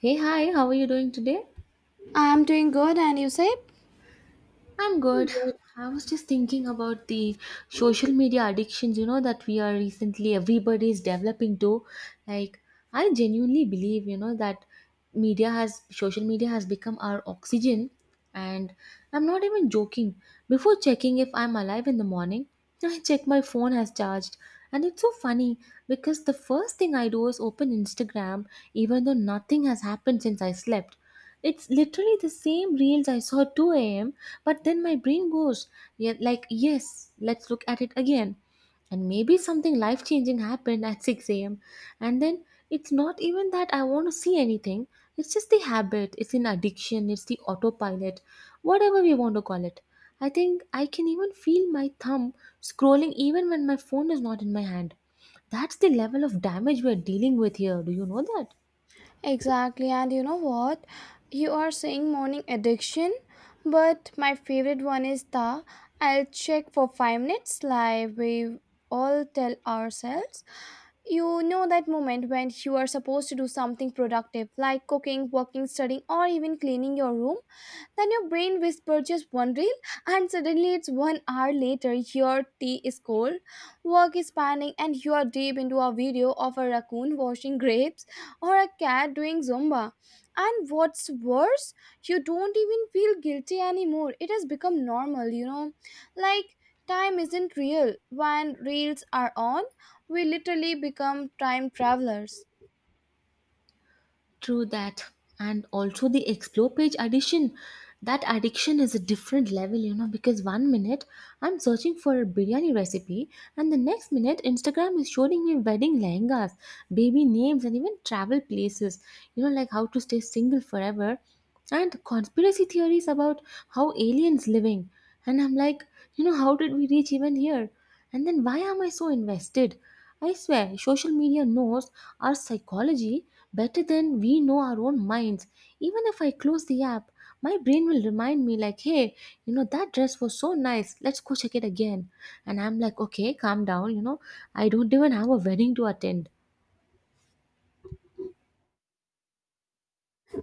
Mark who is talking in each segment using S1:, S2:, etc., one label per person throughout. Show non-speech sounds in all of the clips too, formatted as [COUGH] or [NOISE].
S1: Hey, hi, how are you doing today?
S2: I'm doing good, and you say?
S1: I'm good. I was just thinking about the social media addictions, you know, that we are recently, everybody is developing to. Like, I genuinely believe, you know, that social media has become our oxygen. And I'm not even joking. Before checking if I'm alive in the morning, I check my phone has charged. And it's so funny because the first thing I do is open Instagram, even though nothing has happened since I slept. It's literally the same reels I saw at 2 a.m. But then my brain goes, yeah, like, yes, let's look at it again. And maybe something life changing happened at 6 a.m. And then it's not even that I want to see anything, it's just the habit, it's an addiction, it's the autopilot, whatever we want to call it. I think I can even feel my thumb scrolling even when my phone is not in my hand. That's the level of damage we're dealing with here. Do you know that?
S2: Exactly, and you know what? You are saying morning addiction, but my favorite one is the I'll check for 5 minutes live. We all tell ourselves. You know that moment when you are supposed to do something productive, like cooking, working, studying, or even cleaning your room, then your brain whispers just one reel, and suddenly it's 1 hour later. Your tea is cold, work is panning, and you are deep into a video of a raccoon washing grapes or a cat doing zumba. And what's worse, you don't even feel guilty anymore. It has become normal, you know. Like, time isn't real. When reels are on, we literally become time travelers.
S1: True that. And also the explore page addition. That addiction is a different level, you know, because one minute I'm searching for a biryani recipe, and the next minute Instagram is showing me wedding lehengas, baby names, and even travel places. You know, like how to stay single forever and conspiracy theories about how aliens living. And I'm like, you know, how did we reach even here? And then why am I so invested? I swear social media knows our psychology better than we know our own minds. Even if I close the app, my brain will remind me like, hey, you know that dress was so nice, let's go check it again. And I'm like, okay, calm down, you know, I don't even have a wedding to attend.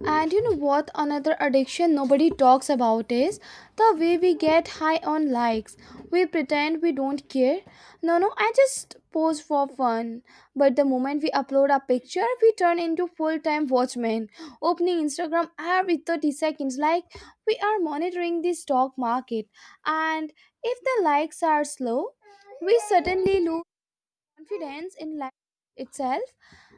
S2: And you know what? Another addiction nobody talks about is the way we get high on likes. We pretend we don't care. No, no, I just post for fun. But the moment we upload a picture, we turn into full time watchmen, opening Instagram every 30 seconds like we are monitoring the stock market. And if the likes are slow, we suddenly lose confidence in life itself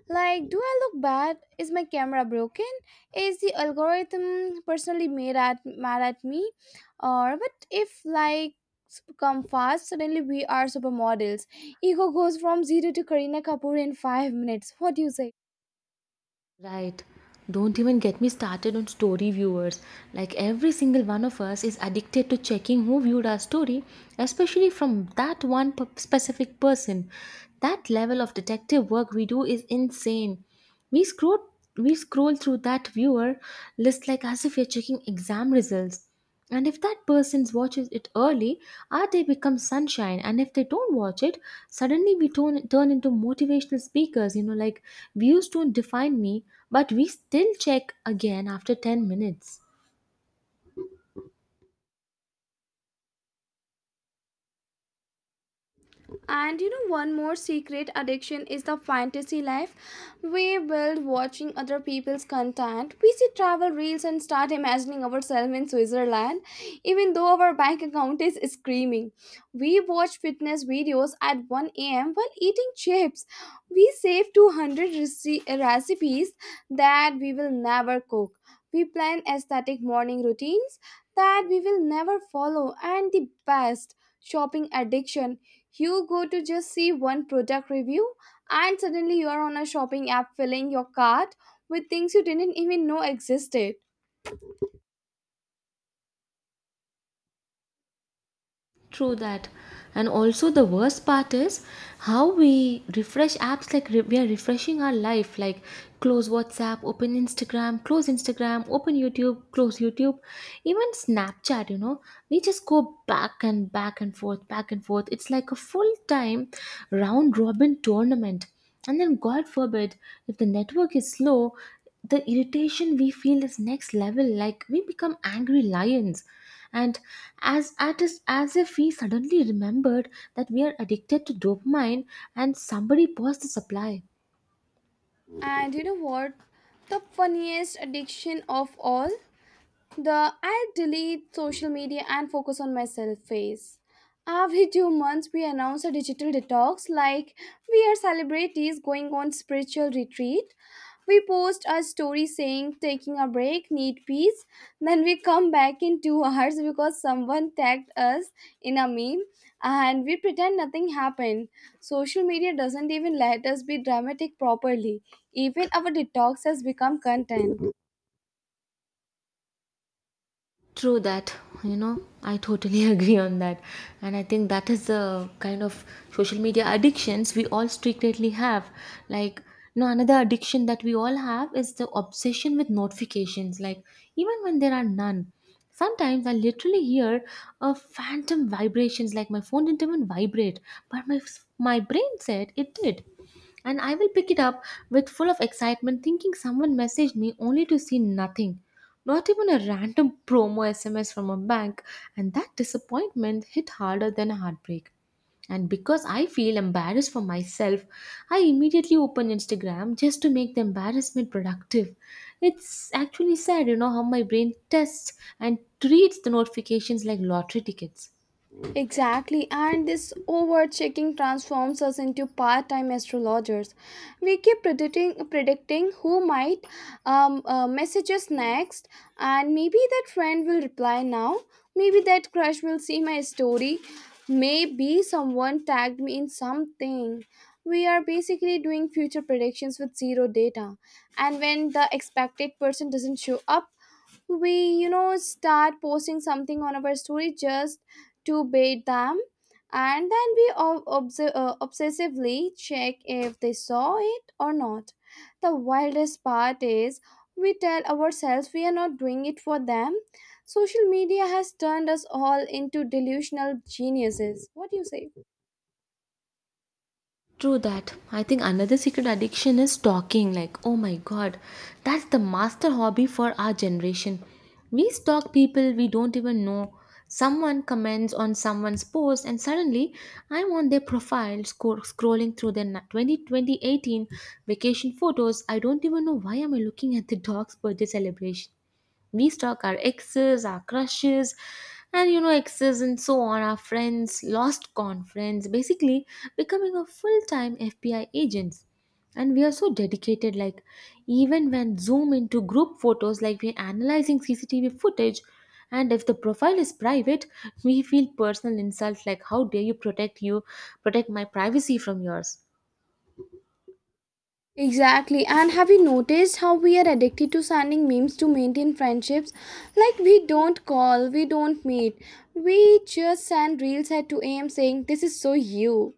S2: like, do I look bad? Is my camera broken? Is the algorithm personally made at mad at me? Or but if likes come fast, suddenly we are supermodels. Ego goes from zero to Karina Kapoor in 5 minutes. What do you say?
S1: Right. Don't even get me started on story viewers. Like every single one of us is addicted to checking who viewed our story, especially from that specific person. That level of detective work we do is insane. We scroll we scroll through that viewer list like as if we're checking exam results. And if that person watches it early, our day becomes sunshine. And if they don't watch it, suddenly we turn into motivational speakers. You know, like views don't define me, but we still check again after 10 minutes.
S2: And you know, one more secret addiction is the fantasy life we build watching other people's content. We see travel reels and start imagining ourselves in Switzerland, even though our bank account is screaming. We watch fitness videos at 1 a.m. while eating chips. We save 200 recipes that we will never cook. We plan aesthetic morning routines that we will never follow, and the best shopping addiction, you go to just see one product review, and suddenly you are on a shopping app filling your cart with things you didn't even know existed.
S1: True that. And also, the worst part is how we refresh apps like we are refreshing our life. Like, close WhatsApp, open Instagram, close Instagram, open YouTube, close YouTube, even Snapchat. You know, we just go back and back and forth. It's like a full time round robin tournament. And then, God forbid, if the network is slow, the irritation we feel is next level. Like, we become angry lions and as at is as if we suddenly remembered that we are addicted to dopamine and somebody paused the supply.
S2: And you know what? The funniest addiction of all? The I delete social media and focus on myself phase. Every 2 months, we announce a digital detox like we are celebrities going on spiritual retreat. We post a story saying taking a break, need peace. Then we come back in two [LAUGHS] hours because someone tagged us in a meme, and we pretend nothing happened. Social media doesn't even let us be dramatic properly. Even our detox has become content.
S1: True that, you know, I totally [LAUGHS] agree on that. And I think that is the kind of social media addictions we all secretly have. Like, you know, another addiction that we all have is the obsession with notifications, like, even when there are none. Sometimes I literally hear a phantom vibrations, like my phone didn't even vibrate, but my brain said it did and I will pick it up with full of excitement, thinking someone messaged me only to see nothing. Not even a random promo SMS from a bank, and that disappointment hit harder than a heartbreak. And because I feel embarrassed for myself, I immediately open Instagram just to make the embarrassment productive. It's actually sad, you know, how my brain tests and treats the notifications like lottery tickets.
S2: Exactly, and this over checking transforms us into part time astrologers. We keep predicting who might message us next, and maybe that friend will reply now, maybe that crush will see my story, maybe someone tagged me in something. We are basically doing future predictions with zero data, and when the expected person doesn't show up, we, you know, start posting something on our story just to bait them. And then we obsessively check if they saw it or not. The wildest part is, we tell ourselves we are not doing it for them. Social media has turned us all into delusional geniuses. What do you say?
S1: True that. I think another secret addiction is talking. Like, oh my god, that's the master hobby for our generation. We stalk people we don't even know. Someone comments on someone's post, and suddenly I'm on their profile scrolling through their 2018 vacation photos. I don't even know why am I looking at the dog's birthday celebration. We stalk our exes, our crushes, and, you know, exes and so on, our friends, lost con friends, basically becoming a full-time FBI agents. And we are so dedicated, like even when zoom into group photos like we're analyzing CCTV footage. And if the profile is private, we feel personal insults like how dare you protect my privacy from yours.
S2: Exactly. And have you noticed how we are addicted to sending memes to maintain friendships? Like, we don't call, we don't meet. We just send reels at 2 a.m. saying, "This is so you."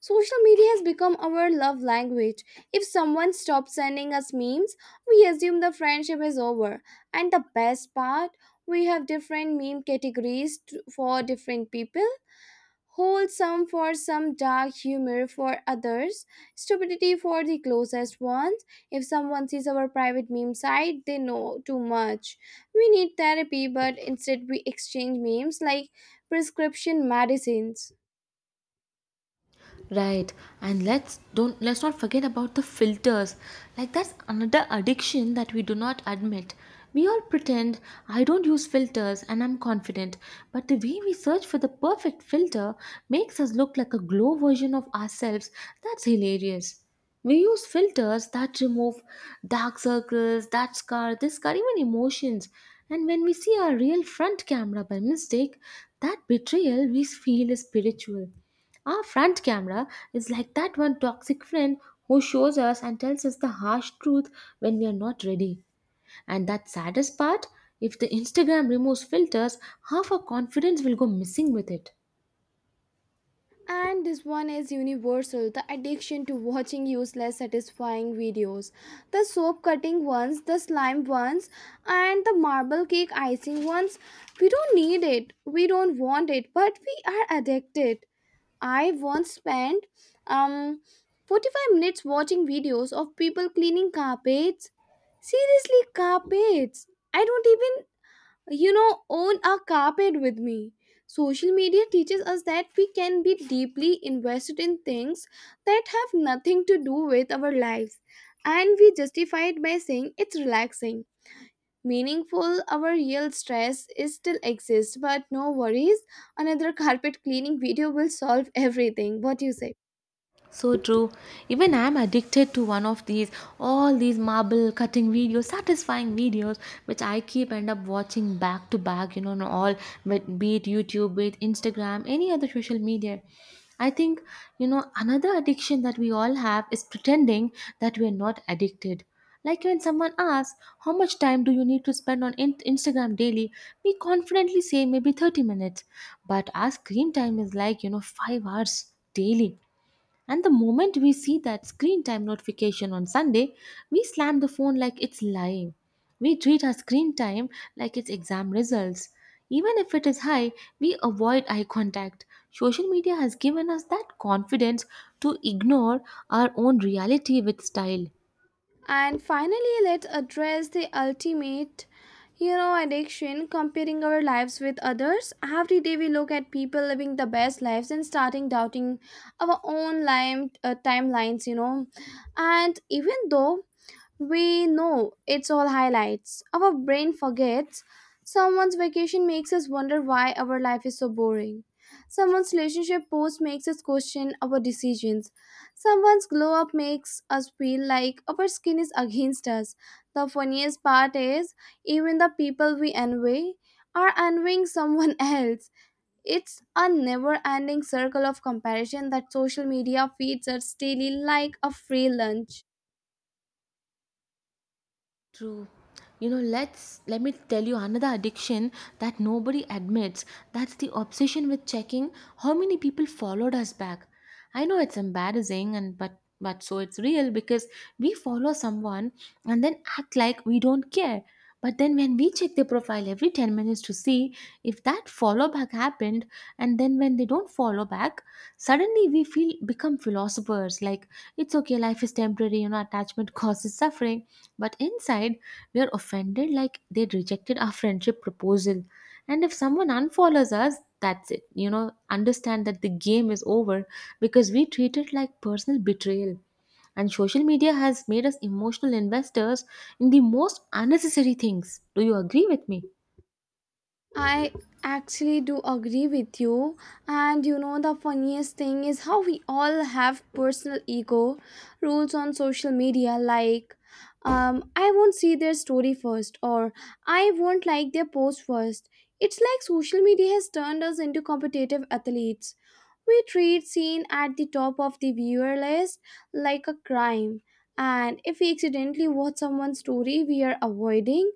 S2: Social media has become our love language. If someone stops sending us memes, we assume the friendship is over. And the best part, we have different meme categories for different people. Wholesome for some, dark humor for others, stupidity for the closest ones. If someone sees our private meme site, they know too much. We need therapy, but instead we exchange memes like prescription medicines.
S1: Right, and let's not forget about the filters. Like that's another addiction that we do not admit. We all pretend I don't use filters and I'm confident, but the way we search for the perfect filter makes us look like a glow version of ourselves. That's hilarious. We use filters that remove dark circles, that scar, this scar, even emotions. And when we see our real front camera by mistake, that betrayal we feel is spiritual. Our front camera is like that one toxic friend who shows us and tells us the harsh truth when we are not ready. And that saddest part, if the Instagram removes filters, half our confidence will go missing with it.
S2: And this one is universal, the addiction to watching useless, satisfying videos. The soap cutting ones, the slime ones, and the marble cake icing ones. We don't need it, we don't want it, but we are addicted. I once spent um 45 minutes watching videos of people cleaning carpets. Seriously, carpets. I don't even, you know, own a carpet with me. Social media teaches us that we can be deeply invested in things that have nothing to do with our lives, and we justify it by saying it's relaxing, meaningful. Our real stress is still exists, but no worries, another carpet cleaning video will solve everything. What do you say?
S1: So true. Even I'm addicted to one of these, all these marble cutting videos, satisfying videos, which I keep end up watching back to back, you know, on all, but be it YouTube, be it Instagram, any other social media. I think, you know, another addiction that we all have is pretending that we are not addicted. Like when someone asks, how much time do you need to spend on Instagram daily? We confidently say maybe 30 minutes. But our screen time is like, you know, 5 hours daily, and the moment we see that screen time notification on Sunday, we slam the phone like it's live. We treat our screen time like it's exam results. Even if it is high, we avoid eye contact. Social media has given us that confidence to ignore our own reality with style.
S2: And finally, let's address the ultimate, you know, addiction, comparing our lives with others. Every day we look at people living the best lives and starting doubting our own timelines, you know. And even though we know it's all highlights, our brain forgets. Someone's vacation makes us wonder why our life is so boring. Someone's relationship post makes us question our decisions. Someone's glow up makes us feel like our skin is against us. The funniest part is, even the people we envy are envying someone [LAUGHS] else. It's a never ending circle of comparison that social media feeds us daily like a free lunch.
S1: True. You know, let me tell you another addiction that nobody admits. That's the obsession with checking how many people followed us back. I know it's embarrassing, and but so it's real because we follow someone and then act like we don't care. But then when we check their profile every 10 minutes to see if that follow back happened, and then when they don't follow back, suddenly we feel become philosophers like it's okay, life is temporary, you know, attachment [LAUGHS] causes suffering. But inside, we are offended like they rejected our friendship proposal. And if someone unfollows us, that's it. You know, understand that the game is over because we treat it like personal betrayal. And social media has made us emotional investors in the most unnecessary things. Do you agree with me?
S2: I actually do agree with you. And you know, the funniest thing is how we all have personal ego rules on social media, like, I won't see their story first, or I won't like their post first. It's like social media has turned us into competitive athletes. We treat seeing at the top of the viewer list like a crime. And if we accidentally watch someone's story we are avoiding,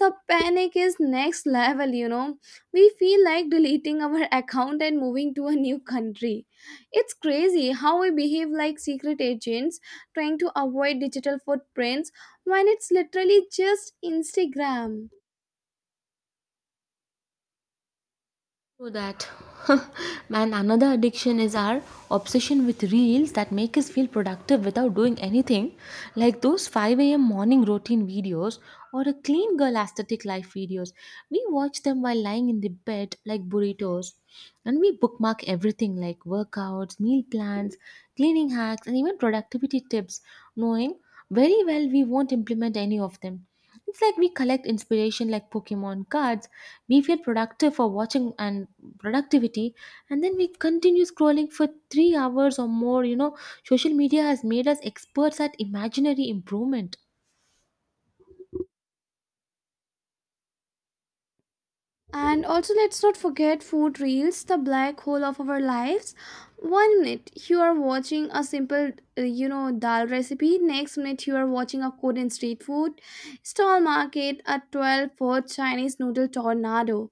S2: the panic is next level, you know. We feel like deleting our [LAUGHS] account and moving to a new country. It's crazy how we behave like secret agents trying to avoid digital footprints when it's literally just Instagram.
S1: So that. [LAUGHS] Man, another addiction is our obsession with reels that make us feel productive without doing anything, like those 5 a.m. morning routine videos or a clean girl aesthetic life videos. We watch them while lying in the bed like burritos, and we bookmark everything like workouts, meal plans, cleaning hacks, and even productivity tips, knowing very well we won't implement any of them. It's like we collect inspiration like Pokemon cards. We feel productive for watching productivity and then we continue scrolling for 3 hours or more. You know, social media has made us experts at imaginary improvement.
S2: And also, let's not forget food reels, the black hole of our lives. 1 minute you are watching a simple, you know, dal recipe. Next minute you are watching a Korean street food stall market, a 12-foot Chinese noodle tornado.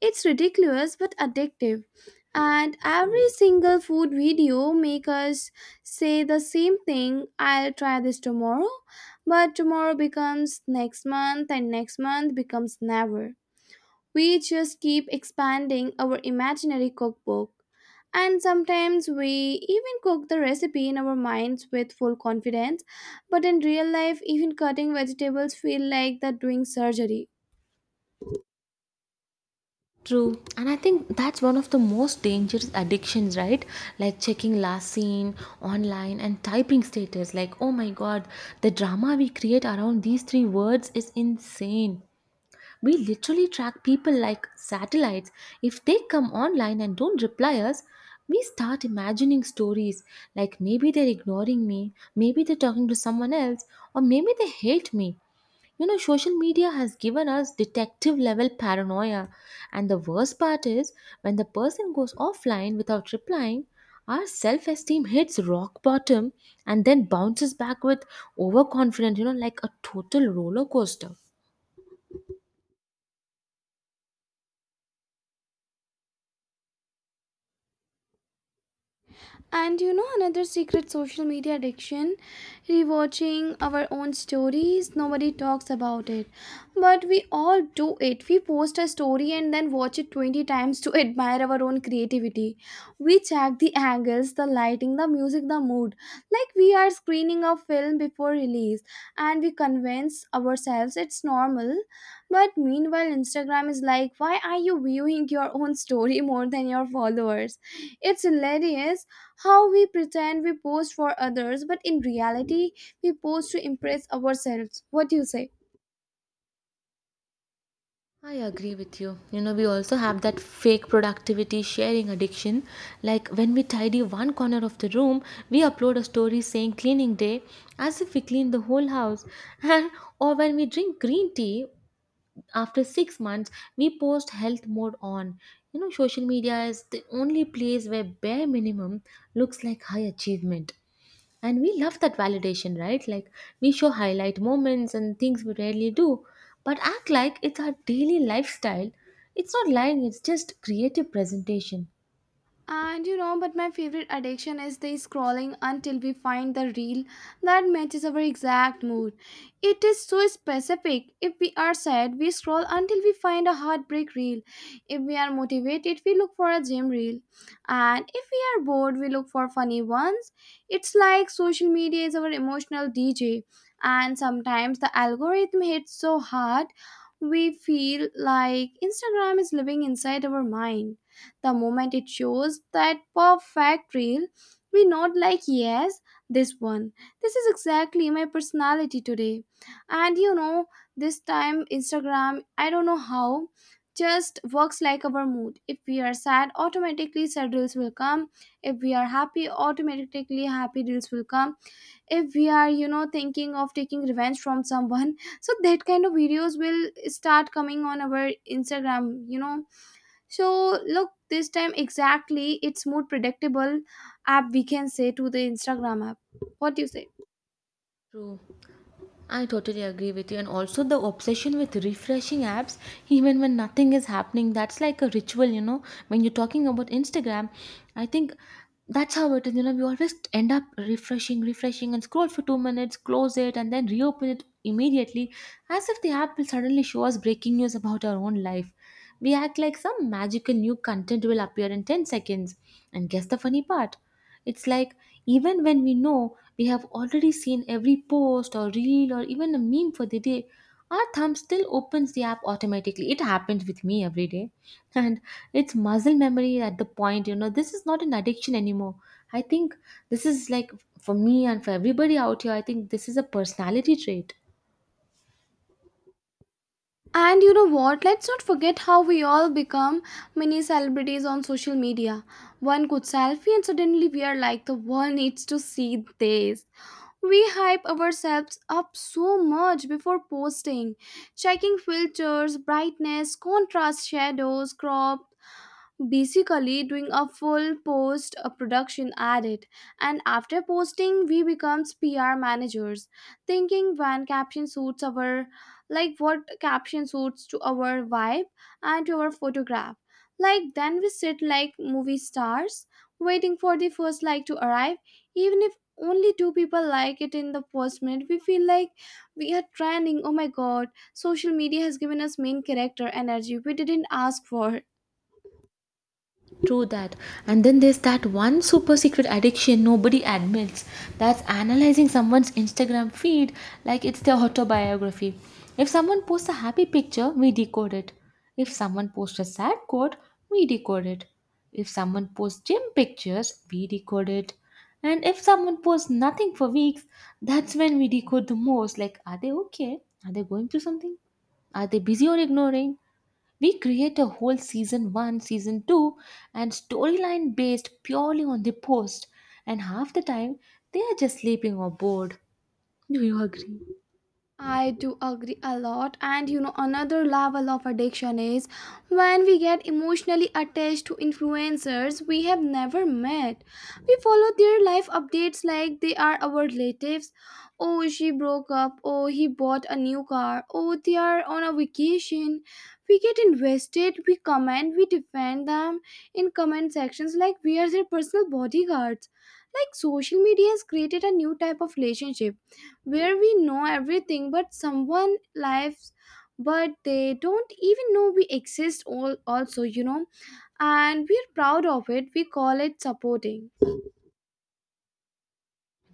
S2: It's ridiculous but addictive. And every single food video make us say the same thing. I'll try this tomorrow, but tomorrow becomes next month, and next month becomes never. We just keep expanding our imaginary cookbook. And sometimes we even cook the recipe in our minds with full confidence, but in real life, even cutting vegetables feel like they're doing surgery.
S1: True. And I think that's one of the most dangerous addictions, right? Like checking last seen online and typing status. Like, oh my god, the drama we create around these three words is insane. We literally track people like satellites. If they come online and don't reply us, we start imagining stories like maybe they're ignoring me, maybe they're talking to someone else, or maybe they hate me. You know, social media has given us detective level paranoia. And the worst part is when the person goes offline without replying, our self esteem hits rock bottom and then bounces back with overconfident, you know, like a total roller coaster.
S2: And you know, another secret social media addiction? Rewatching our own stories. Nobody talks about it, but we all do it. We post a story and then watch it 20 times to [LAUGHS] admire our own creativity. We check the angles, the lighting, the music, the mood. Like we are screening a film before release, and we convince ourselves it's normal. But meanwhile, Instagram is like, why are you viewing your own story [LAUGHS] more than your followers? It's hilarious how we pretend we post for others, but in reality, we post to impress ourselves. What do you say?
S1: I agree with you. You know, we also have that fake productivity sharing addiction. Like when we tidy one corner of the room, we upload a story saying cleaning day as if we clean the whole house. [LAUGHS] And or when we drink green tea after 6 months, we post health mode on. You know, social media is the only place where bare minimum looks like high achievement. And we love that validation, right? Like we show highlight moments and things we rarely do, but act like it's our daily lifestyle. It's not lying, it's just creative presentation.
S2: And you know, but my favorite addiction is the scrolling until we find the reel that matches our exact mood. It is so specific. If we are sad, we scroll until we find a heartbreak reel. If we are motivated, we look for a gym reel. And if we are bored, we look for funny ones. It's like social media is our emotional DJ. And sometimes the algorithm hits so hard, we feel like Instagram is living inside our mind. The moment it shows that perfect reel, we nod like, yes, this one. This is exactly my personality today. And you know, this time Instagram, I don't know how, just works like our mood. If we are sad, automatically sad reels will come. If we are happy, automatically happy reels will come. If we are, you know, thinking of taking revenge from someone, [LAUGHS] so that kind of videos will start coming on our Instagram, you know. So look, this time exactly, it's more predictable app we can say to the Instagram app. What do you say?
S1: True. I totally agree with you. And also the obsession with refreshing apps, even when nothing is happening, that's like a ritual, you know. When you're talking about Instagram, I think that's how it is. You know, we always end up refreshing, and scroll for 2 minutes, close it, and then reopen it immediately, as if the app will suddenly show us breaking news about our own life. We act like some magical new content will appear in 10 seconds. And guess the funny part? It's like Even when we know we have already seen every post or reel or even a meme for the day, our thumb still opens the app automatically. It happens with me every day. [LAUGHS] And it's muscle memory at the point, you know, this is not an addiction anymore. I think this is like For me and for everybody out here, I think this is a personality trait.
S2: And you know what? Let's not forget how we all become mini celebrities on social media. One good selfie, and suddenly we are like, the world needs to see this. We hype ourselves up so much before posting, checking filters, brightness, contrast, shadows, crop, basically doing a full post production edit. And after posting, we becomes PR managers, thinking when caption suits our, like, what caption suits to our vibe and to our photograph. Like, then we sit like movie stars waiting for the first like to arrive. Even if only two people like it in the first minute, we feel like we are trending. Oh my god, social media has given us main character energy we didn't ask for.
S1: True that. And then there's that one super secret addiction nobody admits. That's analyzing someone's Instagram feed like it's their autobiography. If someone posts a happy picture, we decode it. If someone posts a sad quote, we decode it. If someone posts gym pictures, we decode it. And if someone posts nothing for weeks, that's when we decode the most. Like, are they okay? Are they going through something? Are they busy or ignoring? We create a whole season 1, season 2, and storyline based purely on the post, and half the time they are just sleeping or bored. Do you agree?
S2: I do agree a lot, and you know, another level of addiction is when we get emotionally attached to influencers we have never met. We follow their life updates like they are our relatives. Oh, she broke up. Oh, he bought a new car. Oh, they are on a vacation. We get invested, we comment, we defend them in comment sections like we are their personal bodyguards. Like, social media has created a new type of relationship where we know everything but someone lives but they don't even know we exist all also you know And we're proud of it, we call it supporting.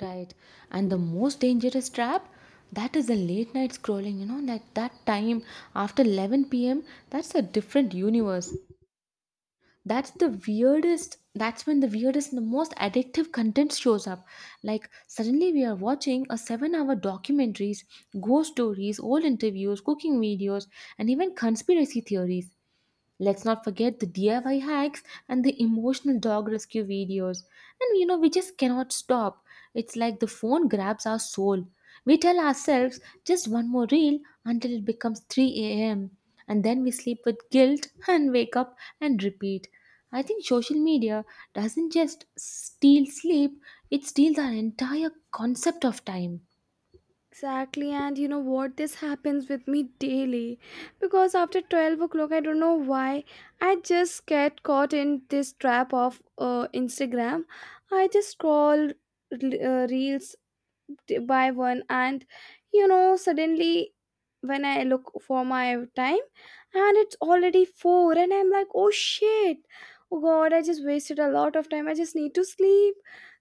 S1: Right. And the most dangerous trap, that is the late night scrolling, you know, that time after 11 p.m., that's a different universe. That's when the weirdest and the most addictive content shows up. Like, suddenly we are watching a 7-hour documentaries, ghost stories, old interviews, cooking videos, and even conspiracy theories. Let's not forget the DIY hacks and the emotional dog rescue videos. And you know, we just cannot stop. It's like the phone grabs our soul. We tell ourselves just one more reel until it becomes 3 a.m. And then we sleep with guilt and wake up and repeat. I think social media doesn't just steal sleep, it steals our entire concept of time.
S2: Exactly. And you know what, this happens with me daily because after 12 o'clock, I don't know why, I just get caught in this trap of Instagram. I just scroll reels, buy one, and you know, suddenly when I look for my time, and it's already 4 and I'm like, oh shit, oh god, I just wasted a lot of time, I just need to sleep.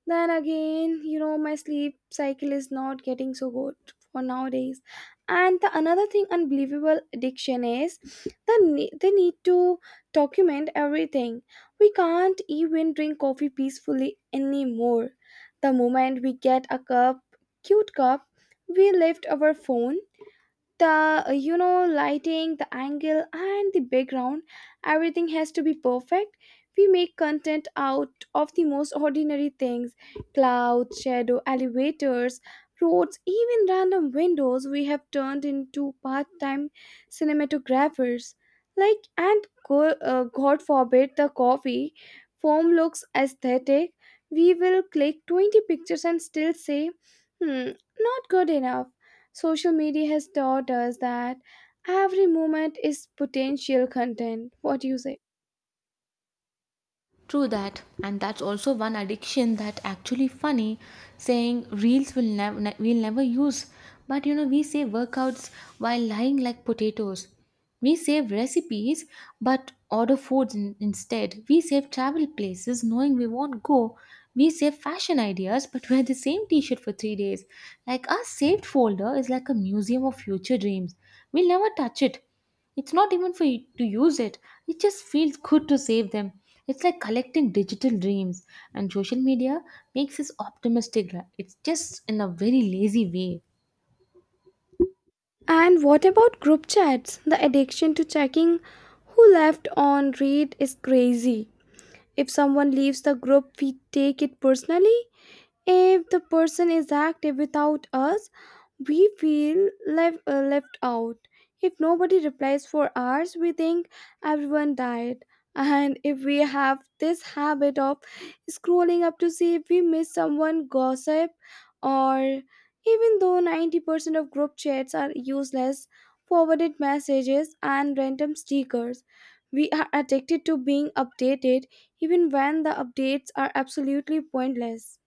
S2: Then again, you know, my sleep cycle is not getting so good for nowadays. And the another thing, unbelievable addiction is the they need to document everything. We can't even drink coffee peacefully anymore. The moment we get a cup, cute cop, we left our phone, the you know, lighting, the angle, and the background, everything has to be perfect. We make content out of the most ordinary things: clouds, shadow, elevators, roads, even random windows. We have turned into part-time cinematographers. Like and go, god forbid the coffee foam looks aesthetic, we will click 20 pictures and still say, hmm, not good enough. Social media has taught us that every moment is potential content. What do you say?
S1: True that, and that's also one addiction that actually funny, saying reels will never ne- we'll never use. But you know, we say workouts while lying like potatoes. We save recipes but order foods instead. We save travel places knowing we won't go. We save fashion ideas but wear the same t-shirt for 3 days. Like, our saved folder is like a museum of future dreams. We'll never touch it, it's not even for you to use it. It just feels good to save them. It's like collecting digital dreams, and social media makes us optimistic, right? It's just in a very lazy way.
S2: And what about group chats? The addiction to checking who left on read is crazy. If someone leaves the group, we take it personally. If the person is active without us, we feel left out. If nobody replies for hours, we think everyone died. And if we have this habit of scrolling up to see if we miss someone, gossip, or even though 90% of group chats are useless, forwarded messages, and random stickers, we are addicted to being updated even when the updates are absolutely pointless.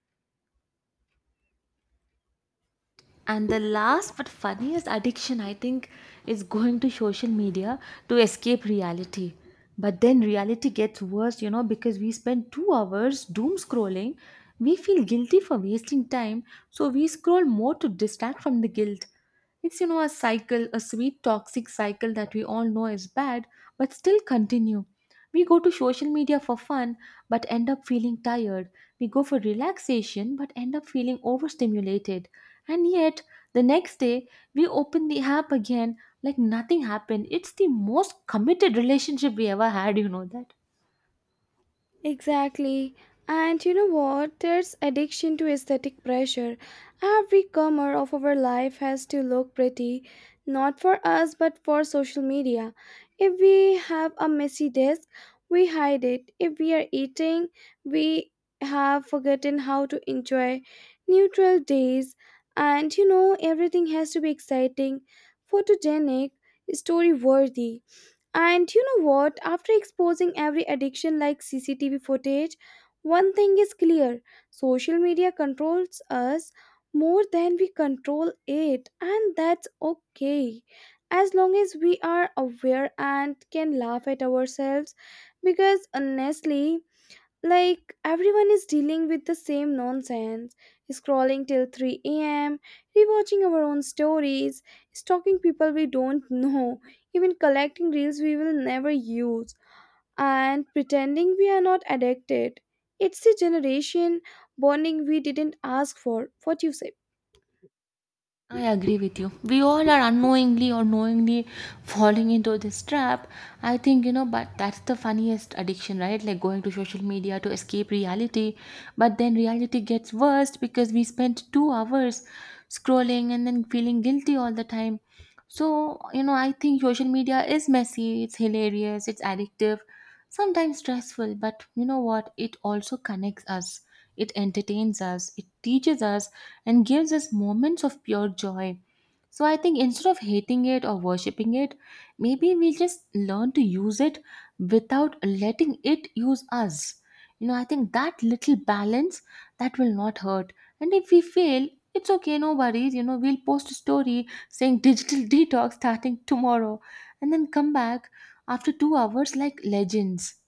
S1: And the last but funniest addiction, I think, is going to social media to escape reality. But then reality gets worse, you know, because we spend 2 hours doom scrolling. We feel guilty for wasting time, so we scroll more to distract from the guilt. It's, you know, a cycle, a sweet toxic cycle that we all know is bad, but still continue. We go to social media for fun, but end up feeling tired. We go for relaxation, but end up feeling overstimulated. And yet, the next day, we open the app again like nothing happened. It's the most committed relationship we ever had, you know that.
S2: Exactly. And you know what? There's addiction to aesthetic pressure. Every corner of our life has to look pretty, not for us, but for social media. If we have a messy desk, we hide it. If we are eating, we have forgotten how to enjoy neutral days. And you know, everything has to be exciting, photogenic, story worthy. And you know what? After exposing every addiction like CCTV footage, one thing is clear: social media controls us more than we control it, and that's okay. As long as we are aware and can laugh at ourselves, because honestly, like everyone is dealing with the same nonsense, scrolling till 3 a.m., rewatching our own stories, stalking people we don't [LAUGHS] know, even collecting reels we will never use, and pretending we are not addicted. It's a generation bonding we didn't ask for. What you say?
S1: I agree with you. We all are unknowingly or knowingly falling into this trap. I think, you know, but that's the funniest addiction, right? Like, going to social media to escape reality. But then reality gets worse because we spend 2 hours scrolling and then feeling guilty all the time. So, you know, I think social media is messy, it's hilarious, it's addictive, sometimes stressful, but you know what? It also connects us, it entertains us, it teaches us, and gives us moments of pure joy. So I think instead of hating it or worshipping it, maybe we just learn to use it without letting it use us. You know, I think that little balance, that will not hurt. And if we fail, it's okay, no worries. You know, we'll post a story saying digital [LAUGHS] detox starting tomorrow and then come back after 2 hours like legends.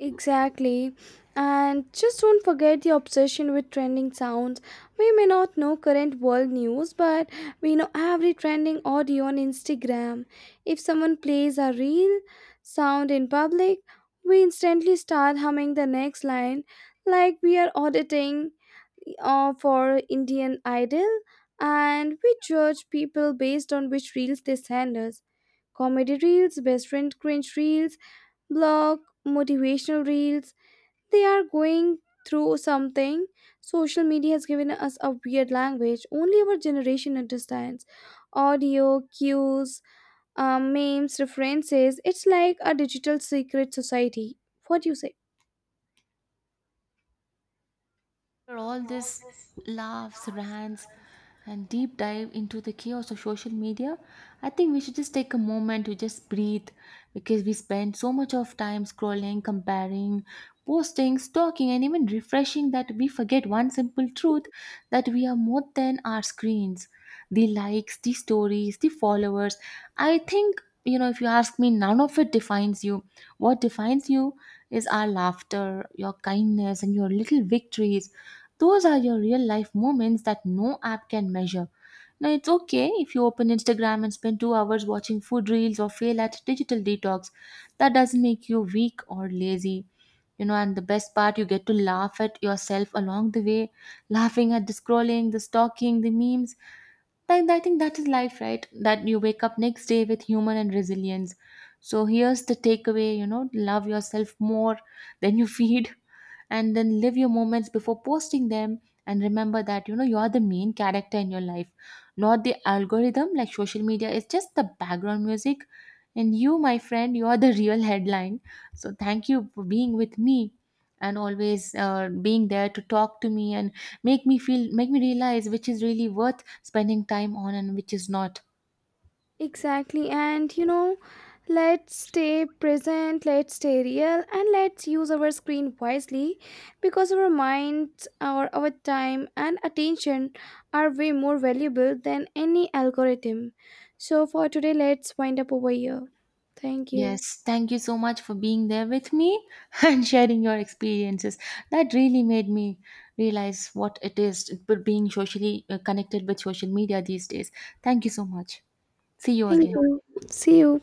S2: Exactly. And just don't forget the obsession with trending sounds. We may not know current world news, but we know every trending audio on Instagram. If someone plays a real sound in public, we instantly start humming the next line like we are auditing for Indian Idol, and we judge people based on which reels they send us. Comedy reels, best friend cringe reels, blog, motivational reels, they are going through something. Social media has given us a weird language only our generation understands. Audio, cues, memes, references. It's like a digital secret society. What do you say?
S1: After all this laughs, rants, and deep dive into the chaos of social media, I think we should just take a moment to just breathe, because we spend so much of time scrolling, comparing, posting, stalking, and even refreshing that we forget one simple truth, that we are more than our screens. The likes, the stories, the followers. I think, you know, if you ask me, none of it defines you. What defines you is our laughter, your kindness, and your little victories. Those are your real life moments that no app can measure. Now, it's okay if you open Instagram and spend 2 hours watching food reels or fail at digital detox. That doesn't make you weak or lazy. You know, and the best part, you get to laugh at yourself along the way, laughing at the scrolling, the stalking, the memes. Like, I think that is life, right? That you wake up next day with humor and resilience. So here's the takeaway, you know, love yourself more than you [LAUGHS] feed, and then live your moments before posting them, and remember that, you know, you are the main character in your life, not the algorithm. Like, social media is just the background music, and you, my friend, you are the [LAUGHS] real headline. So thank you for being with me and always being there to talk to me and make me realize which is really worth spending time on and which is not.
S2: Exactly. And you know, let's stay present, let's stay real, and let's use our screen wisely because our minds, our time, and attention are way more valuable than any algorithm. So, for today, let's wind up over here. Thank you.
S1: Yes, thank you so much for being there with me [LAUGHS] and sharing your experiences. That really made me realize what it is being socially connected with social media these days. Thank you so much. See you
S2: Thank
S1: again.
S2: you. See you.